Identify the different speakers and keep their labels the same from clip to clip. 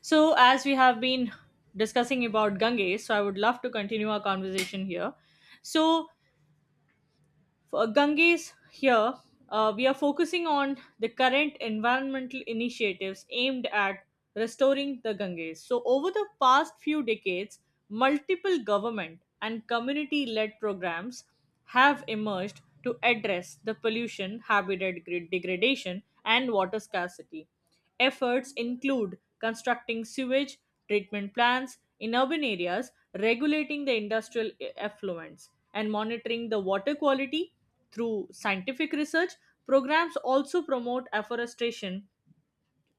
Speaker 1: So, as we have been discussing about Ganges, so I would love to continue our conversation here. So, for Ganges here, we are focusing on the current environmental initiatives aimed at restoring the Ganges. So, over the past few decades, multiple government and community led programs have emerged to address the pollution, degradation, and water scarcity. Efforts include constructing sewage treatment plants in urban areas, regulating the effluents, and monitoring the water quality through scientific research. Programs also promote afforestation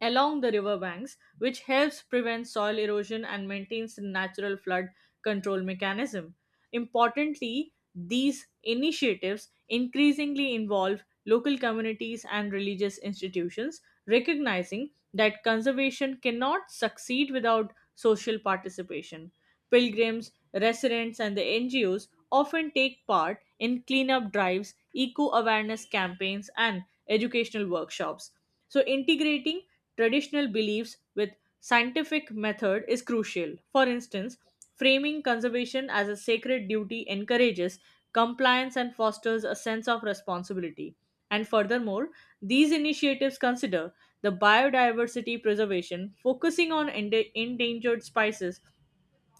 Speaker 1: along the river banks, which helps prevent soil erosion and maintains the natural flood control mechanism. Importantly, these initiatives increasingly involve local communities and religious institutions, recognizing that conservation cannot succeed without social participation. Pilgrims, residents, and the NGOs often take part in cleanup drives, eco awareness campaigns, and educational workshops. So, integrating traditional beliefs with scientific method is crucial. For instance, framing conservation as a sacred duty encourages compliance and fosters a sense of responsibility. And furthermore, these initiatives consider the biodiversity preservation, focusing on endangered species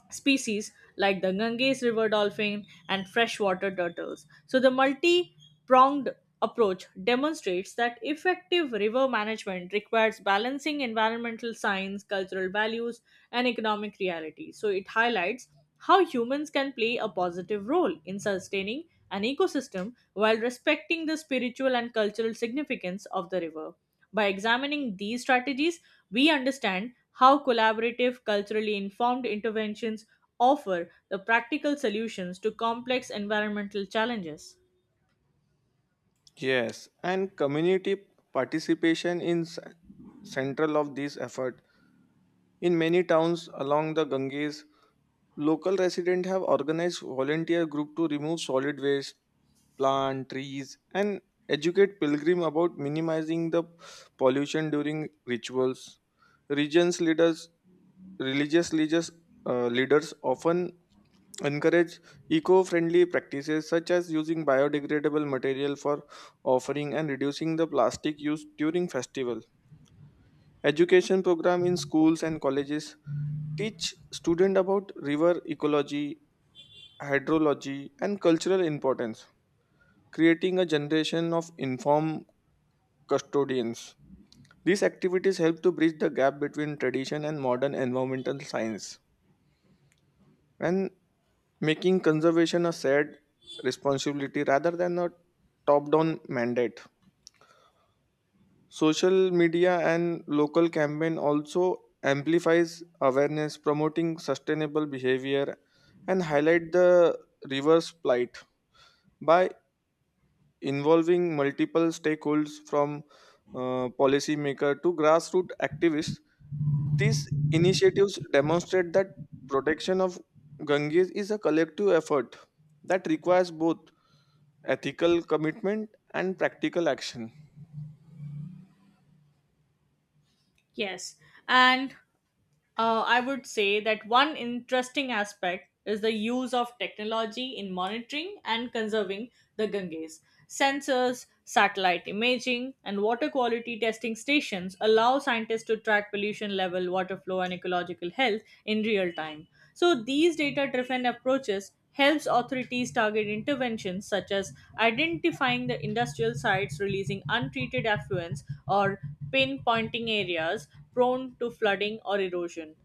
Speaker 1: species like the Ganges river dolphin and freshwater turtles. So, the multi pronged approach demonstrates that effective river management requires balancing environmental science, cultural values, and economic realities. So, it highlights how humans can play a positive role in sustaining an ecosystem while respecting the spiritual and cultural significance of the river. By examining these strategies, we understand how collaborative, culturally informed interventions offer the practical solutions to complex environmental challenges.
Speaker 2: Yes, and community participation is central of this effort. In many towns along the Ganges, local residents have organized volunteer group to remove solid waste, plant trees, and educate pilgrim about minimizing the pollution during rituals. Regions leaders, religious leaders, leaders often encourage eco-friendly practices such as using biodegradable material for offering and reducing the plastic use during festival. Education program in schools and colleges teach student about river ecology, hydrology, and cultural importance, creating a generation of informed custodians. These activities help to bridge the gap between tradition and modern environmental science and making conservation a shared responsibility rather than a top down mandate. Social media and local campaign also amplifies awareness promoting sustainable behavior and highlight the river's plight by involving multiple stakeholders from policymaker to grassroots activists. These initiatives demonstrate that protection of Ganges is a collective effort that requires both ethical commitment and practical action.
Speaker 1: Yes, and I would say that one interesting aspect is the use of technology in monitoring and conserving the Ganges. Sensors, satellite imaging, and water quality testing stations allow scientists to track pollution level, water flow, and ecological health in real time. So, these data driven approaches helps authorities target interventions such as identifying the industrial sites releasing untreated affluents or pinpointing areas prone to flooding or erosion.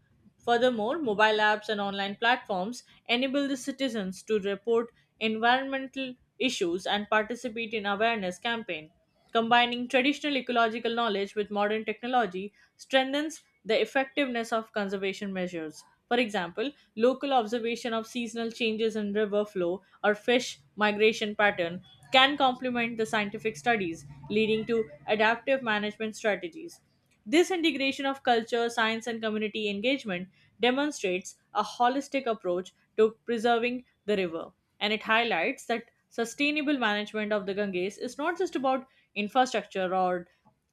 Speaker 1: Furthermore, mobile apps and online platforms enable the citizens to report environmental issues and participate in awareness campaign. Combining traditional ecological knowledge with modern technology strengthens the effectiveness of conservation measures. For example, local observation of seasonal changes in river flow or fish migration pattern can complement the scientific studies, leading to adaptive management strategies. This integration of culture, science, and community engagement demonstrates a holistic approach to preserving the river, and it highlights that sustainable management of the Ganges is not just about infrastructure or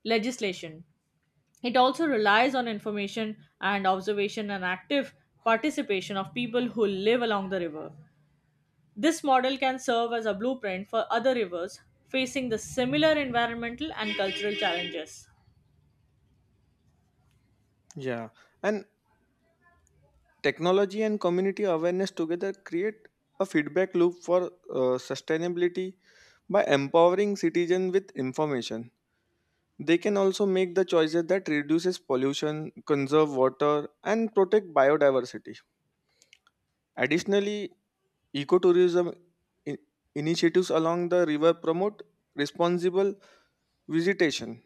Speaker 1: legislation. It also relies on information and observation and active participation of people who live along the river. This model can serve as a blueprint for other rivers facing the similar environmental and cultural challenges.
Speaker 2: Yeah, and technology and community awareness together create a feedback loop for sustainability by empowering citizens with information. They can also make the choices that reduces pollution, conserve water and protect biodiversity. Additionally, ecotourism i- initiatives along the river promote responsible visitation,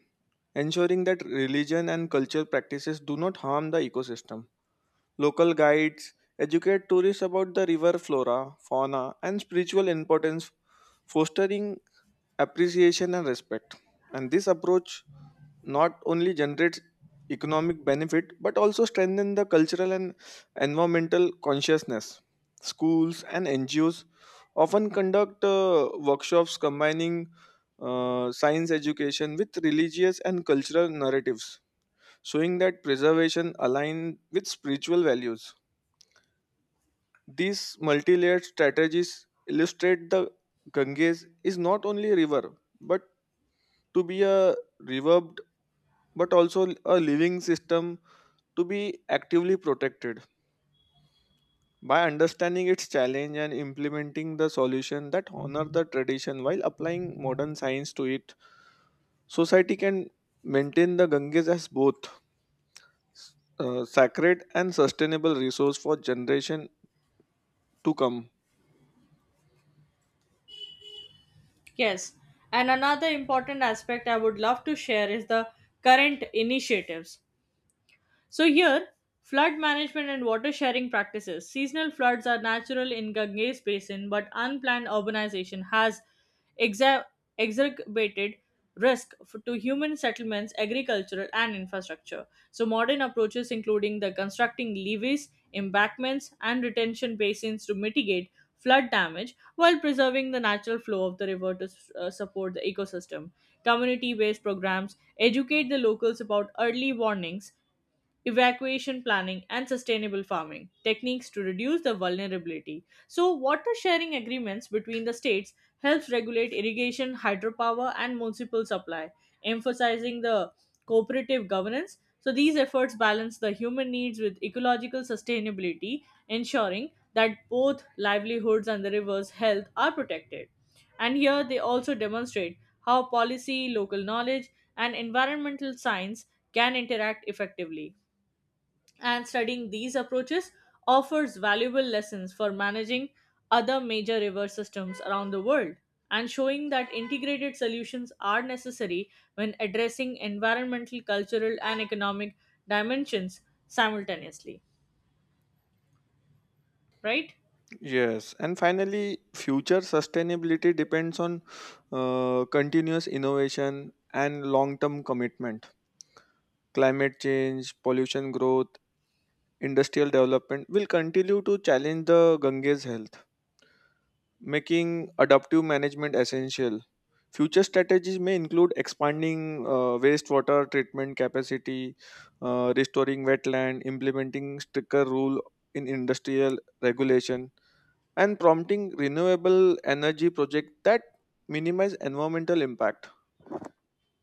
Speaker 2: ensuring that religion and cultural practices do not harm the ecosystem. Local guides educate tourists about the river flora, fauna and spiritual importance, fostering appreciation and respect. And this approach not only generates economic benefit but also strengthen the cultural and environmental consciousness. Schools and ngos often conduct workshops combining science education with religious and cultural narratives, showing that preservation aligns with spiritual values. These multi-layered strategies illustrate the ganges is not only a river but to be a river also a living system to be actively protected. By understanding its challenge and implementing the solution that honor the tradition while applying modern science to it, society can maintain the ganges as both sacred and sustainable resource for generation to come.
Speaker 1: Yes, and another important aspect I would love to share is the current initiatives. So here, flood management and water sharing practices. Seasonal floods are natural in Ganges basin, but unplanned urbanization has exa- exacerbated to human settlements, agricultural and infrastructure. So modern approaches including the constructing levees, embankments and retention basins to mitigate flood damage while preserving the natural flow of the river to support the ecosystem. Community based programs educate the locals about early warnings evacuation planning, and sustainable farming techniques to reduce the vulnerability. So, water sharing agreements between the states helps regulate irrigation, hydropower, and municipal supply, emphasizing the cooperative governance. So, these efforts balance the human needs with ecological sustainability, ensuring that both livelihoods and the river's health are protected. And here they also demonstrate how policy, local knowledge, and environmental science can interact effectively and studying these approaches offers valuable lessons for managing other major river systems around the world and showing that integrated solutions are necessary when addressing environmental, cultural, and economic dimensions simultaneously. Right?
Speaker 2: Yes, and finally future sustainability depends on continuous innovation and long term commitment. Climate change, pollution growth, industrial development will continue to challenge the Ganges health, making adaptive management essential. Future strategies may include expanding wastewater treatment capacity, restoring wetland, implementing stricter rule in industrial regulation, and prompting renewable energy projects that minimize environmental impact.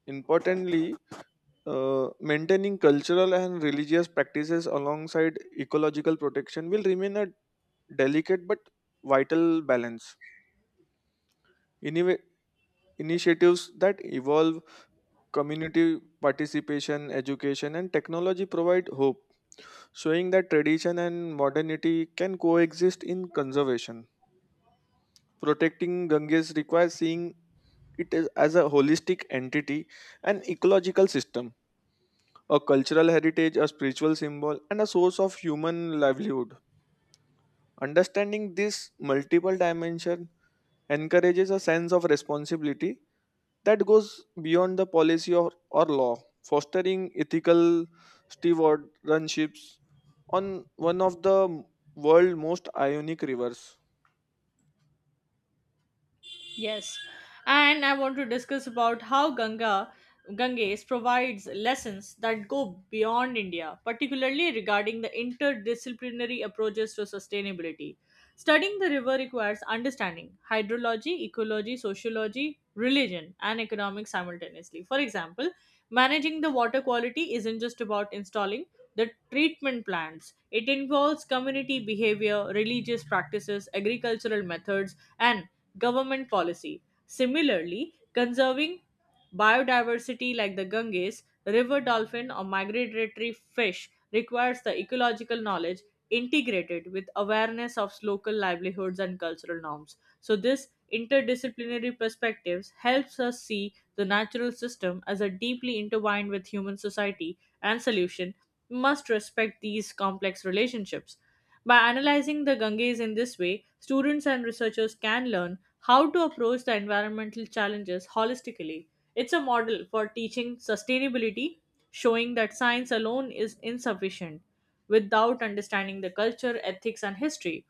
Speaker 2: Importantly, maintaining cultural and religious practices alongside ecological protection will remain a delicate but vital balance. Innovative initiatives that evolve community participation, education, and technology provide hope, showing that tradition and modernity can coexist in conservation. Protecting Ganges requires seeing it is as a holistic entity, an ecological system, a cultural heritage, a spiritual symbol, and a source of human livelihood. Understanding this multiple dimension encourages a sense of responsibility that goes beyond the policy or law, fostering ethical stewardships on one of the world's most ionic rivers.
Speaker 1: Yes, and I want to discuss about how Ganga Ganges provides lessons that go beyond India, particularly regarding the interdisciplinary approaches to sustainability. Studying the river requires understanding hydrology, ecology, sociology, religion, and economics simultaneously. For example, managing the water quality isn't just about installing the treatment plants. It involves community behavior, religious practices, agricultural methods, and government policy. Similarly, conserving biodiversity like the Ganges, river dolphin, or migratory fish requires the ecological knowledge integrated with awareness of local livelihoods and cultural norms. So, this interdisciplinary perspectives helps us see the natural system as a deeply intertwined with human society and solution must respect these complex relationships. By analyzing the Ganges in this way, students and researchers can learn how to approach the environmental challenges holistically. It's a model for teaching sustainability, showing that science alone is insufficient without understanding the culture, ethics, and history.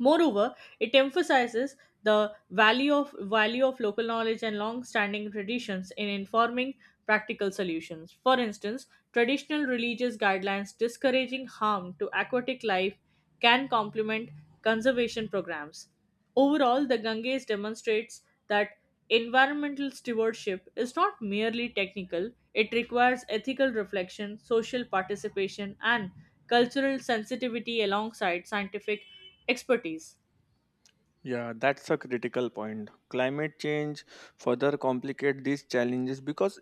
Speaker 1: Moreover, it emphasizes the value of local knowledge and long-standing traditions in informing practical solutions. For instance, traditional religious guidelines discouraging harm to aquatic life can complement conservation programs. Overall, the Ganges demonstrates that environmental stewardship is not merely technical, it requires ethical reflection, social participation, and cultural sensitivity alongside scientific expertise.
Speaker 2: Yeah, that's a critical point. Climate change further complicate these challenges because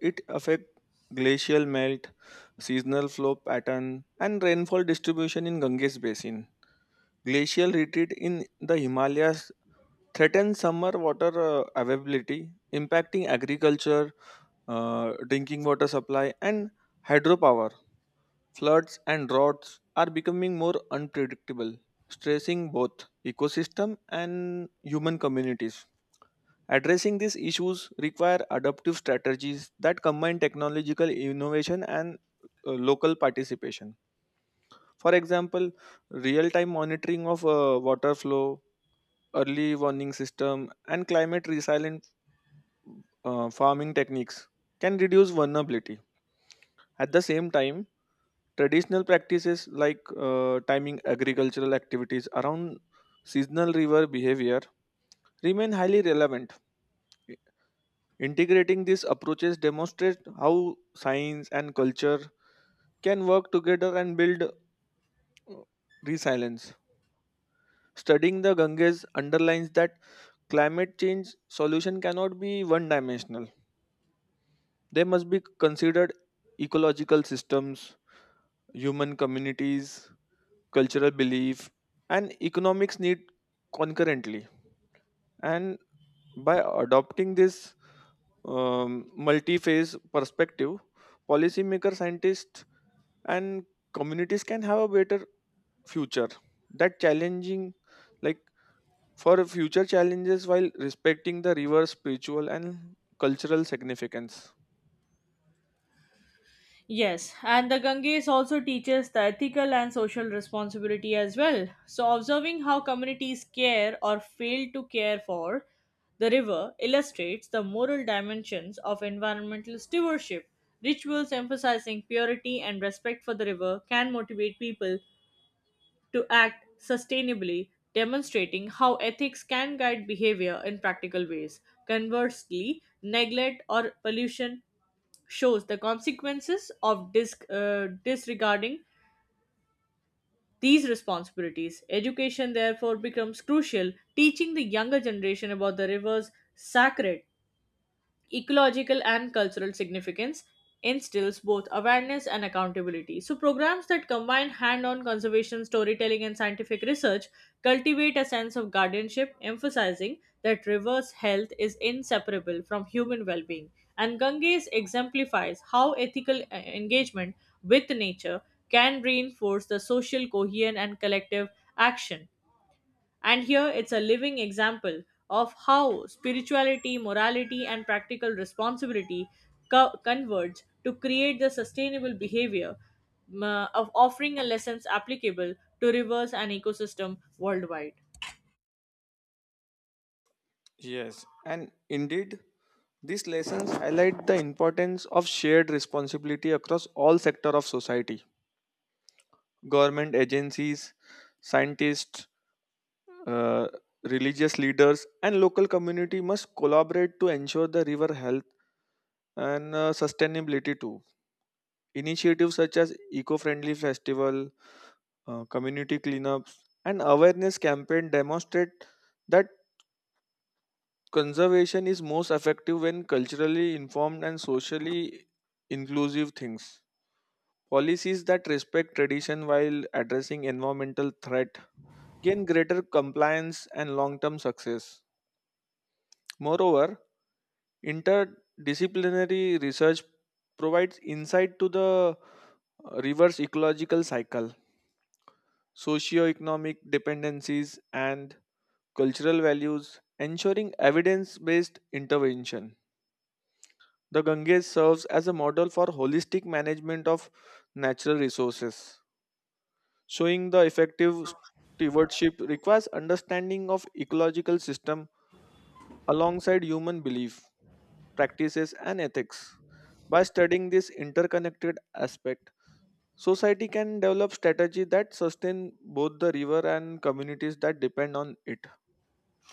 Speaker 2: it affect glacial melt, seasonal flow pattern, and rainfall distribution in Ganges basin. Glacial retreat in the Himalayas threaten summer water availability, impacting agriculture, drinking water supply, and hydropower. Floods and droughts are becoming more unpredictable, stressing both ecosystem and human communities. Addressing these issues require adaptive strategies that combine technological innovation and local participation. For example, real-time monitoring of water flow, early warning system, and climate resilient farming techniques can reduce vulnerability. At the same time, traditional practices like timing agricultural activities around seasonal river behavior remain highly relevant. Integrating these approaches demonstrates how science and culture can work together and build resilience. Studying the Ganges underlines that climate change solution cannot be one dimensional. They must be considered ecological systems, human communities, cultural belief, and economics need concurrently. And by adopting this multi phase perspective, policymakers, scientists, and communities can have a better future that challenging like for future challenges while respecting the river's spiritual and cultural significance.
Speaker 1: Yes, and the Ganges also teaches the ethical and social responsibility as well. So, observing how communities care or fail to care for the river illustrates the moral dimensions of environmental stewardship. Rituals emphasizing purity and respect for the river can motivate people to act sustainably, demonstrating how ethics can guide behavior in practical ways. Conversely, neglect or pollution shows the consequences of disregarding these responsibilities. Education, therefore, becomes crucial, teaching the younger generation about the river's sacred ecological and cultural significance instills both awareness and accountability. So, programs that combine hand on conservation, storytelling, and scientific research cultivate a sense of guardianship, emphasizing that reverse health is inseparable from human well being. And Ganges exemplifies how ethical engagement with nature can reinforce the social cohesion and collective action and here it's a living example of how spirituality, morality, and practical responsibility converge to create the sustainable behavior, of offering a lessons applicable to rivers and ecosystem worldwide.
Speaker 2: Yes, and indeed, these lessons highlight the importance of shared responsibility across all sectors of society. Government agencies, scientists, uh, religious leaders, and local community must collaborate to ensure the river health and sustainability too. Initiatives such as eco-friendly festival, community cleanups, and awareness campaign demonstrate that conservation is most effective when culturally informed and socially inclusive things. Policies that respect tradition while addressing environmental threat gain greater compliance and long-term success. Moreover, interdisciplinary research provides insight to the reverse ecological cycle, socio-economic dependencies and cultural values, ensuring evidence-based intervention. The Ganges serves as a model for holistic management of natural resources, showing the effective stewardship requires understanding of ecological system alongside human belief, practices and ethics. By studying this interconnected aspect, society can develop strategy that sustain both the river and communities that depend on it,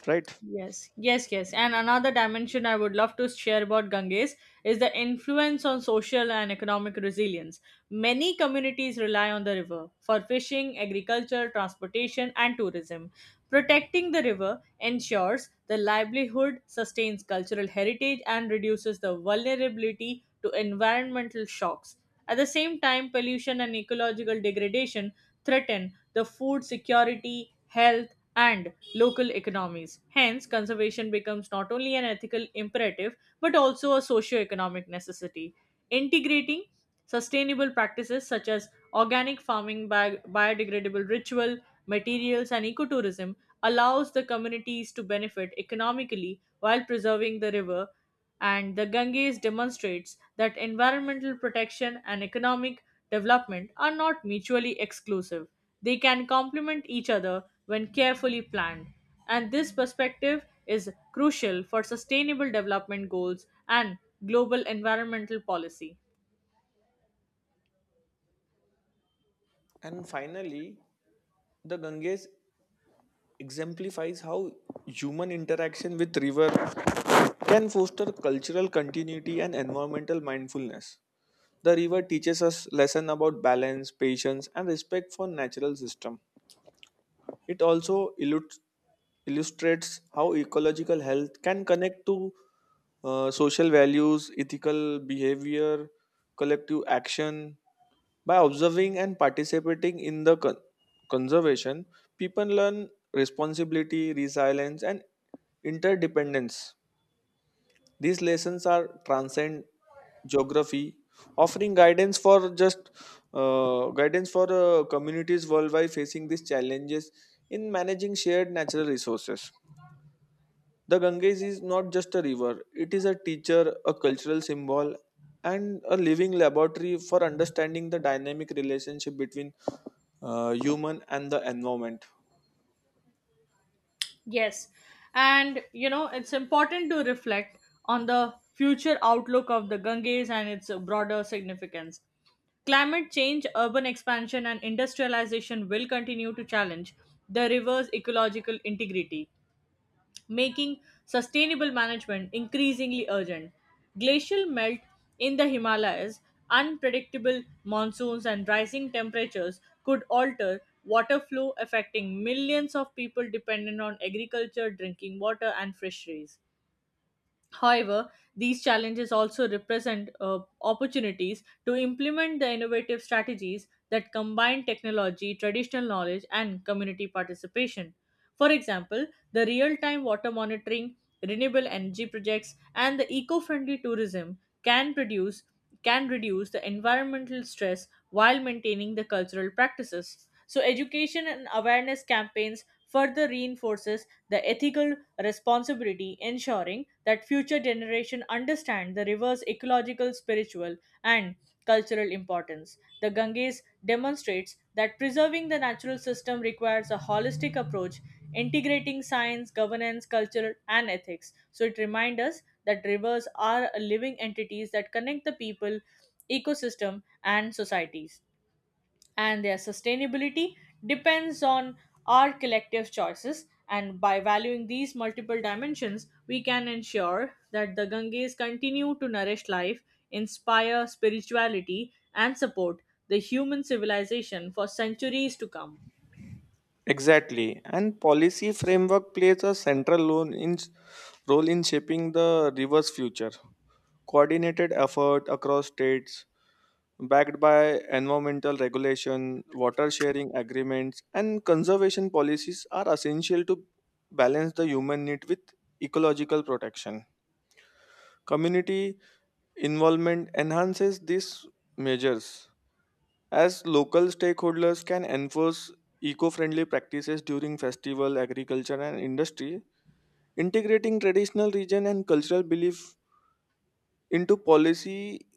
Speaker 2: right?
Speaker 1: Yes, yes, yes. And another dimension I would love to share about Ganges is the influence on social and economic resilience. Many communities rely on the river for fishing, agriculture, transportation, and tourism. Protecting the river ensures the livelihood, sustains cultural heritage, and reduces the vulnerability to environmental shocks. At the same time, pollution and ecological degradation threaten the food security, health, and local economies. Hence, conservation becomes not only an ethical imperative but also a socio-economic necessity. Integrating sustainable practices such as organic farming, biodegradable ritual, materials, and ecotourism allows the communities to benefit economically while preserving the river and the Ganges demonstrates that environmental protection and economic development are not mutually exclusive. They can complement each other when carefully planned. And this perspective is crucial for sustainable development goals and global environmental policy.
Speaker 2: And finally, the Ganges exemplifies how human interaction with river can foster cultural continuity and environmental mindfulness. The river teaches us lesson about balance, patience and respect for natural system. It also illustrates how ecological health can connect to social values, ethical behavior, collective action. By observing and participating in the conservation, people learn responsibility, resilience, and interdependence. These lessons are transcend geography, offering guidance for just guidance for communities worldwide facing these challenges in managing shared natural resources. The Ganges is not just a river; it is a teacher, a cultural symbol, and a living laboratory for understanding the dynamic relationship between human and the environment.
Speaker 1: Yes. And you know, it's important to reflect on the future outlook of the Ganges and its broader significance. Climate change, urban expansion, and industrialization will continue to challenge the river's ecological integrity making sustainable management increasingly urgent. Glacial melt in the Himalayas, unpredictable monsoons, and rising temperatures could alter water flow, affecting millions of people dependent on agriculture, drinking water, and fisheries. However, these challenges also represent opportunities to implement the innovative strategies that combine technology, traditional knowledge, and community participation. For example, the real time water monitoring, renewable energy projects, and the eco friendly tourism can reduce the environmental stress while maintaining the cultural practices. So education and awareness campaigns further reinforces the ethical responsibility, ensuring that future generation understand the river's ecological, spiritual, and cultural importance. The Ganges demonstrates that preserving the natural system requires a holistic approach integrating science, governance, culture, and ethics. So it reminds us that rivers are living entities that connect the people, ecosystem, and societies and their sustainability depends on our collective choices. And by valuing these multiple dimensions, we can ensure that the Ganges continue to nourish life, inspire spirituality, and support the human civilization for centuries to come.
Speaker 2: Exactly, and policy framework plays a central role in shaping the river's future. Coordinated effort across states, backed by environmental regulation, water sharing agreements, and conservation policies, are essential to balance the human need with ecological protection. Community involvement enhances these measures as local stakeholders can enforce eco-friendly practices during festival, agriculture, and industry. Integrating traditional region and cultural belief into policy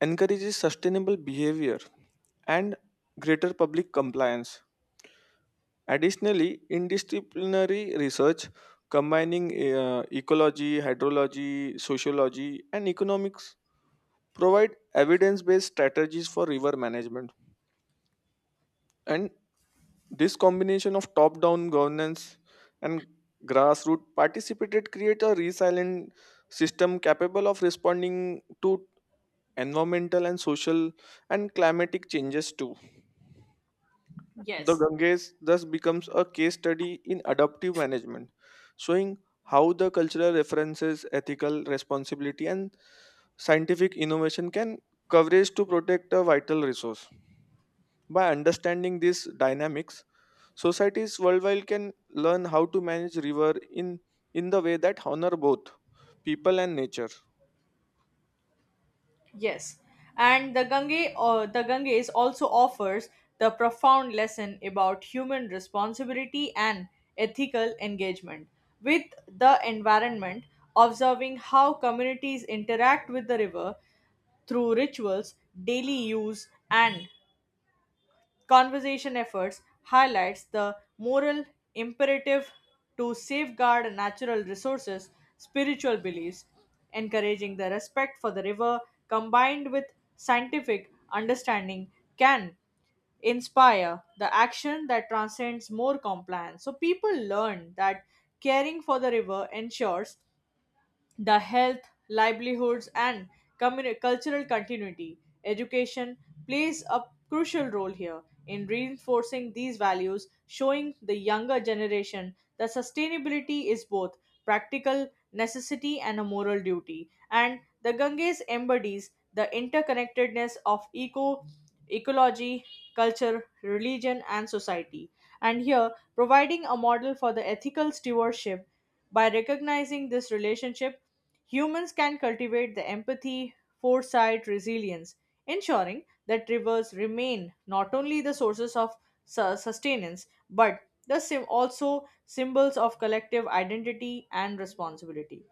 Speaker 2: encourages sustainable behavior and greater public compliance. Additionally, interdisciplinary research combining ecology, hydrology, sociology, and economics provide evidence based strategies for river management. And this combination of top down governance and grassroots participated create a resilient system capable of responding to environmental and social and climatic changes too. The
Speaker 1: Yes.
Speaker 2: Ganges thus becomes a case study in adaptive management, showing how the cultural references, ethical responsibility, and scientific innovation can coverage to protect a vital resource. By understanding these dynamics, societies worldwide can learn how to manage river in the way that honor both people and nature.
Speaker 1: Yes, and the Ganges also offers the profound lesson about human responsibility and ethical engagement with the environment, observing how communities interact with the river through rituals, daily use, and conservation efforts highlights the moral imperative to safeguard natural resources, spiritual beliefs, encouraging the respect for the river combined with scientific understanding can inspire the action that transcends more compliance. So people learn that caring for the river ensures the health, livelihoods, and cultural continuity. Education plays a crucial role here in reinforcing these values, showing the younger generation that sustainability is both practical necessity and a moral duty. And the Ganges embodies the interconnectedness of ecology, culture, religion, and society. And here, providing a model for the ethical stewardship by recognizing this relationship, humans can cultivate the empathy, foresight, resilience, ensuring that rivers remain not only the sources of sustenance but also symbols of collective identity and responsibility,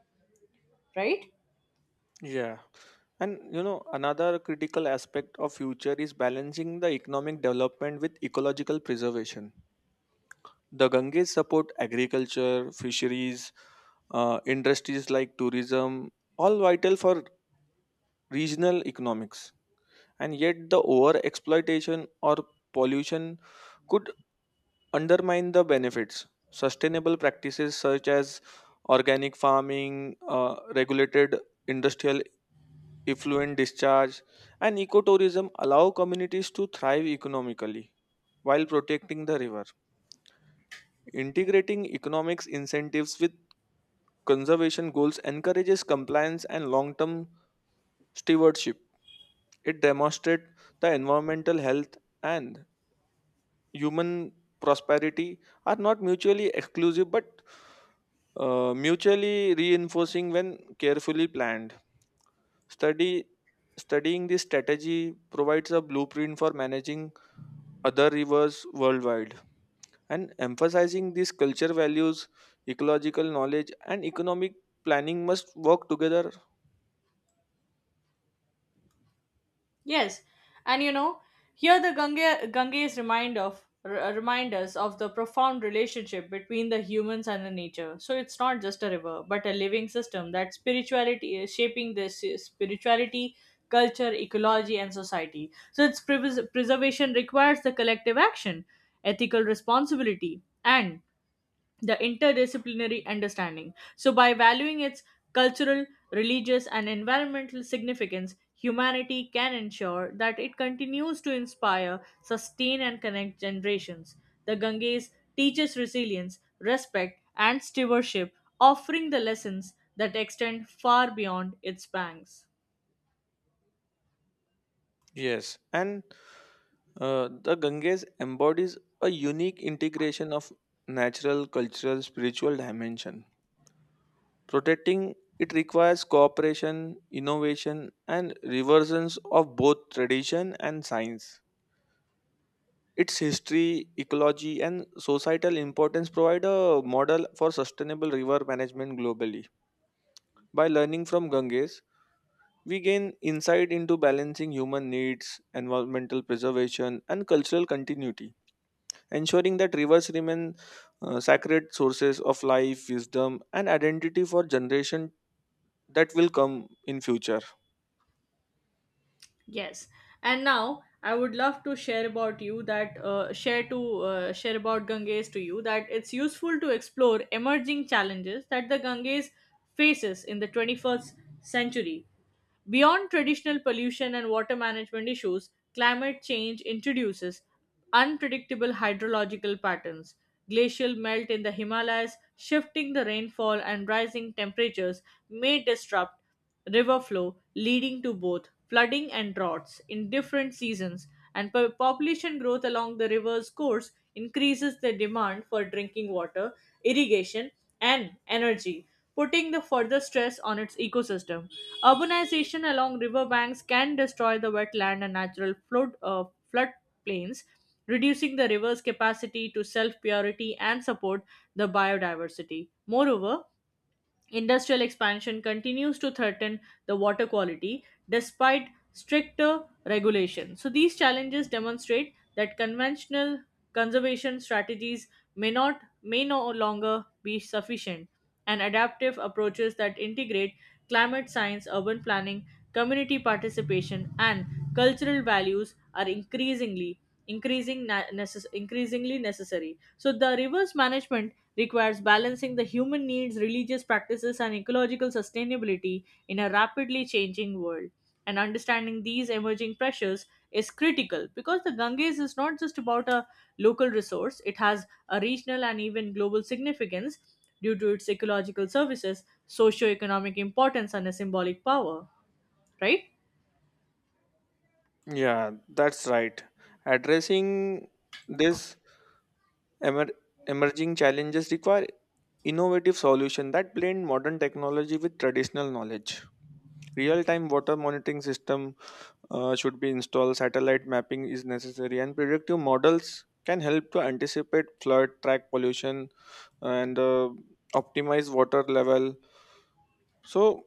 Speaker 1: right?
Speaker 2: Yeah. And you know, another critical aspect of future is balancing the economic development with ecological preservation. The Ganges support agriculture, fisheries, industries like tourism, all vital for regional economics. And yet, the over exploitation or pollution could undermine the benefits. Sustainable practices such as organic farming, regulated industrial effluent discharge, and ecotourism allow communities to thrive economically while protecting the river. Integrating economics incentives with conservation goals encourages compliance and long term stewardship. It demonstrates the environmental health and human prosperity are not mutually exclusive but mutually reinforcing when carefully planned. Study Studying this strategy provides a blueprint for managing other rivers worldwide and emphasizing these culture values, ecological knowledge and economic planning must work together.
Speaker 1: Yes, and you know, here the Ganges remind us of the profound relationship between the humans and the nature. So it's not just a river, but a living system that spirituality is shaping this spirituality, culture, ecology, and society. So its preservation requires the collective action, ethical responsibility, and the interdisciplinary understanding. So, by valuing its cultural, religious, and environmental significance, humanity can ensure that it continues to inspire, sustain, and connect generations. The Ganges teaches resilience, respect, and stewardship, offering the lessons that extend far beyond its banks.
Speaker 2: Yes, and the ganges embodies a unique integration of natural cultural spiritual dimension. Protecting it requires cooperation, innovation and reversions of both tradition and science. Its history, ecology and societal importance provide a model for sustainable river management globally. By learning from Ganges, we gain insight into balancing human needs, environmental preservation, and cultural continuity, ensuring that rivers remain sacred sources of life, wisdom, and identity for generation that will come in future.
Speaker 1: Yes, and now I would love to share about Ganges to you that it's useful to explore emerging challenges that the Ganges faces in the 21st century. Beyond traditional pollution and water management issues, climate change introduces unpredictable hydrological patterns. Glacial melt in the Himalayas, shifting the rainfall, and rising temperatures may disrupt river flow, leading to both flooding and droughts in different seasons. And population growth along the river's course increases the demand for drinking water, irrigation, and energy putting the further stress on its ecosystem. Urbanization along riverbanks can destroy the wetland and natural floodplains, reducing the river's capacity to self-purity and support the biodiversity. Moreover, industrial expansion continues to threaten the water quality despite stricter regulation. So, these challenges demonstrate that conventional conservation strategies may no longer be sufficient and adaptive approaches that integrate climate science urban planning community participation and cultural values are increasingly necessary. So the rivers management requires balancing the human needs, religious practices, and ecological sustainability in a rapidly changing world. And understanding these emerging pressures is critical because the Ganges is not just about a local resource, it has a regional and even global significance due to its ecological services, socio-economic importance, and a symbolic power, right?
Speaker 2: Yeah, that's right. Addressing this emer- emerging challenges require innovative solution that blend modern technology with traditional knowledge. Real-time water monitoring system should be installed. Satellite mapping is necessary, and predictive models can help to anticipate flood, track pollution, and optimize water level. So,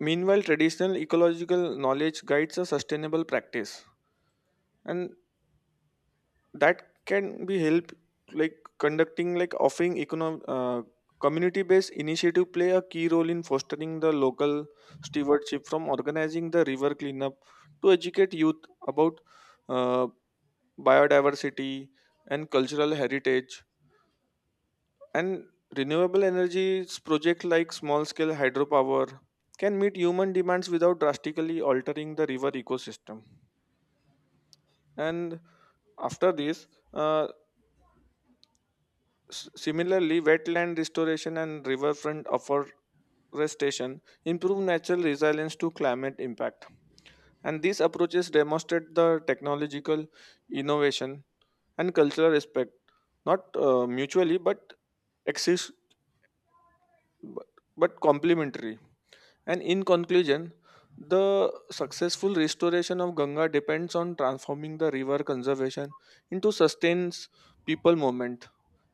Speaker 2: meanwhile, traditional ecological knowledge guides a sustainable practice, and that can be help like conducting like offering economic. Community-based initiative play a key role in fostering the local stewardship, from organizing the river cleanup to educate youth about uh, biodiversity and cultural heritage. And renewable energies projects like small scale hydropower can meet human demands without drastically altering the river ecosystem. And after this, uh, similarly wetland restoration and riverfront afforestation improve natural resilience to climate impact. And these approaches demonstrate the technological innovation and cultural respect not mutually but exist but, but complementary. And in conclusion, the successful restoration of Ganga depends on transforming the river conservation into sustains people movement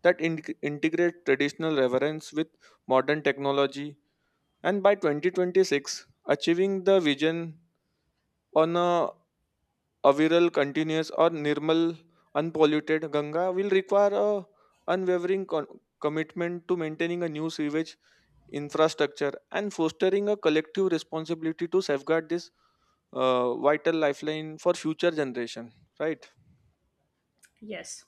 Speaker 2: that integrate traditional reverence with modern technology. And by 2026 achieving the vision on a aviral continuous or normal unpolluted Ganga will require a unwavering commitment to maintaining a new sewage infrastructure and fostering a collective responsibility to safeguard this vital lifeline for future generation, right?
Speaker 1: Yes.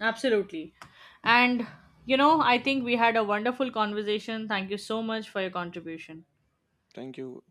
Speaker 1: Absolutely. And you know, I think we had a wonderful conversation. Thank you so much for your contribution.
Speaker 2: Thank you.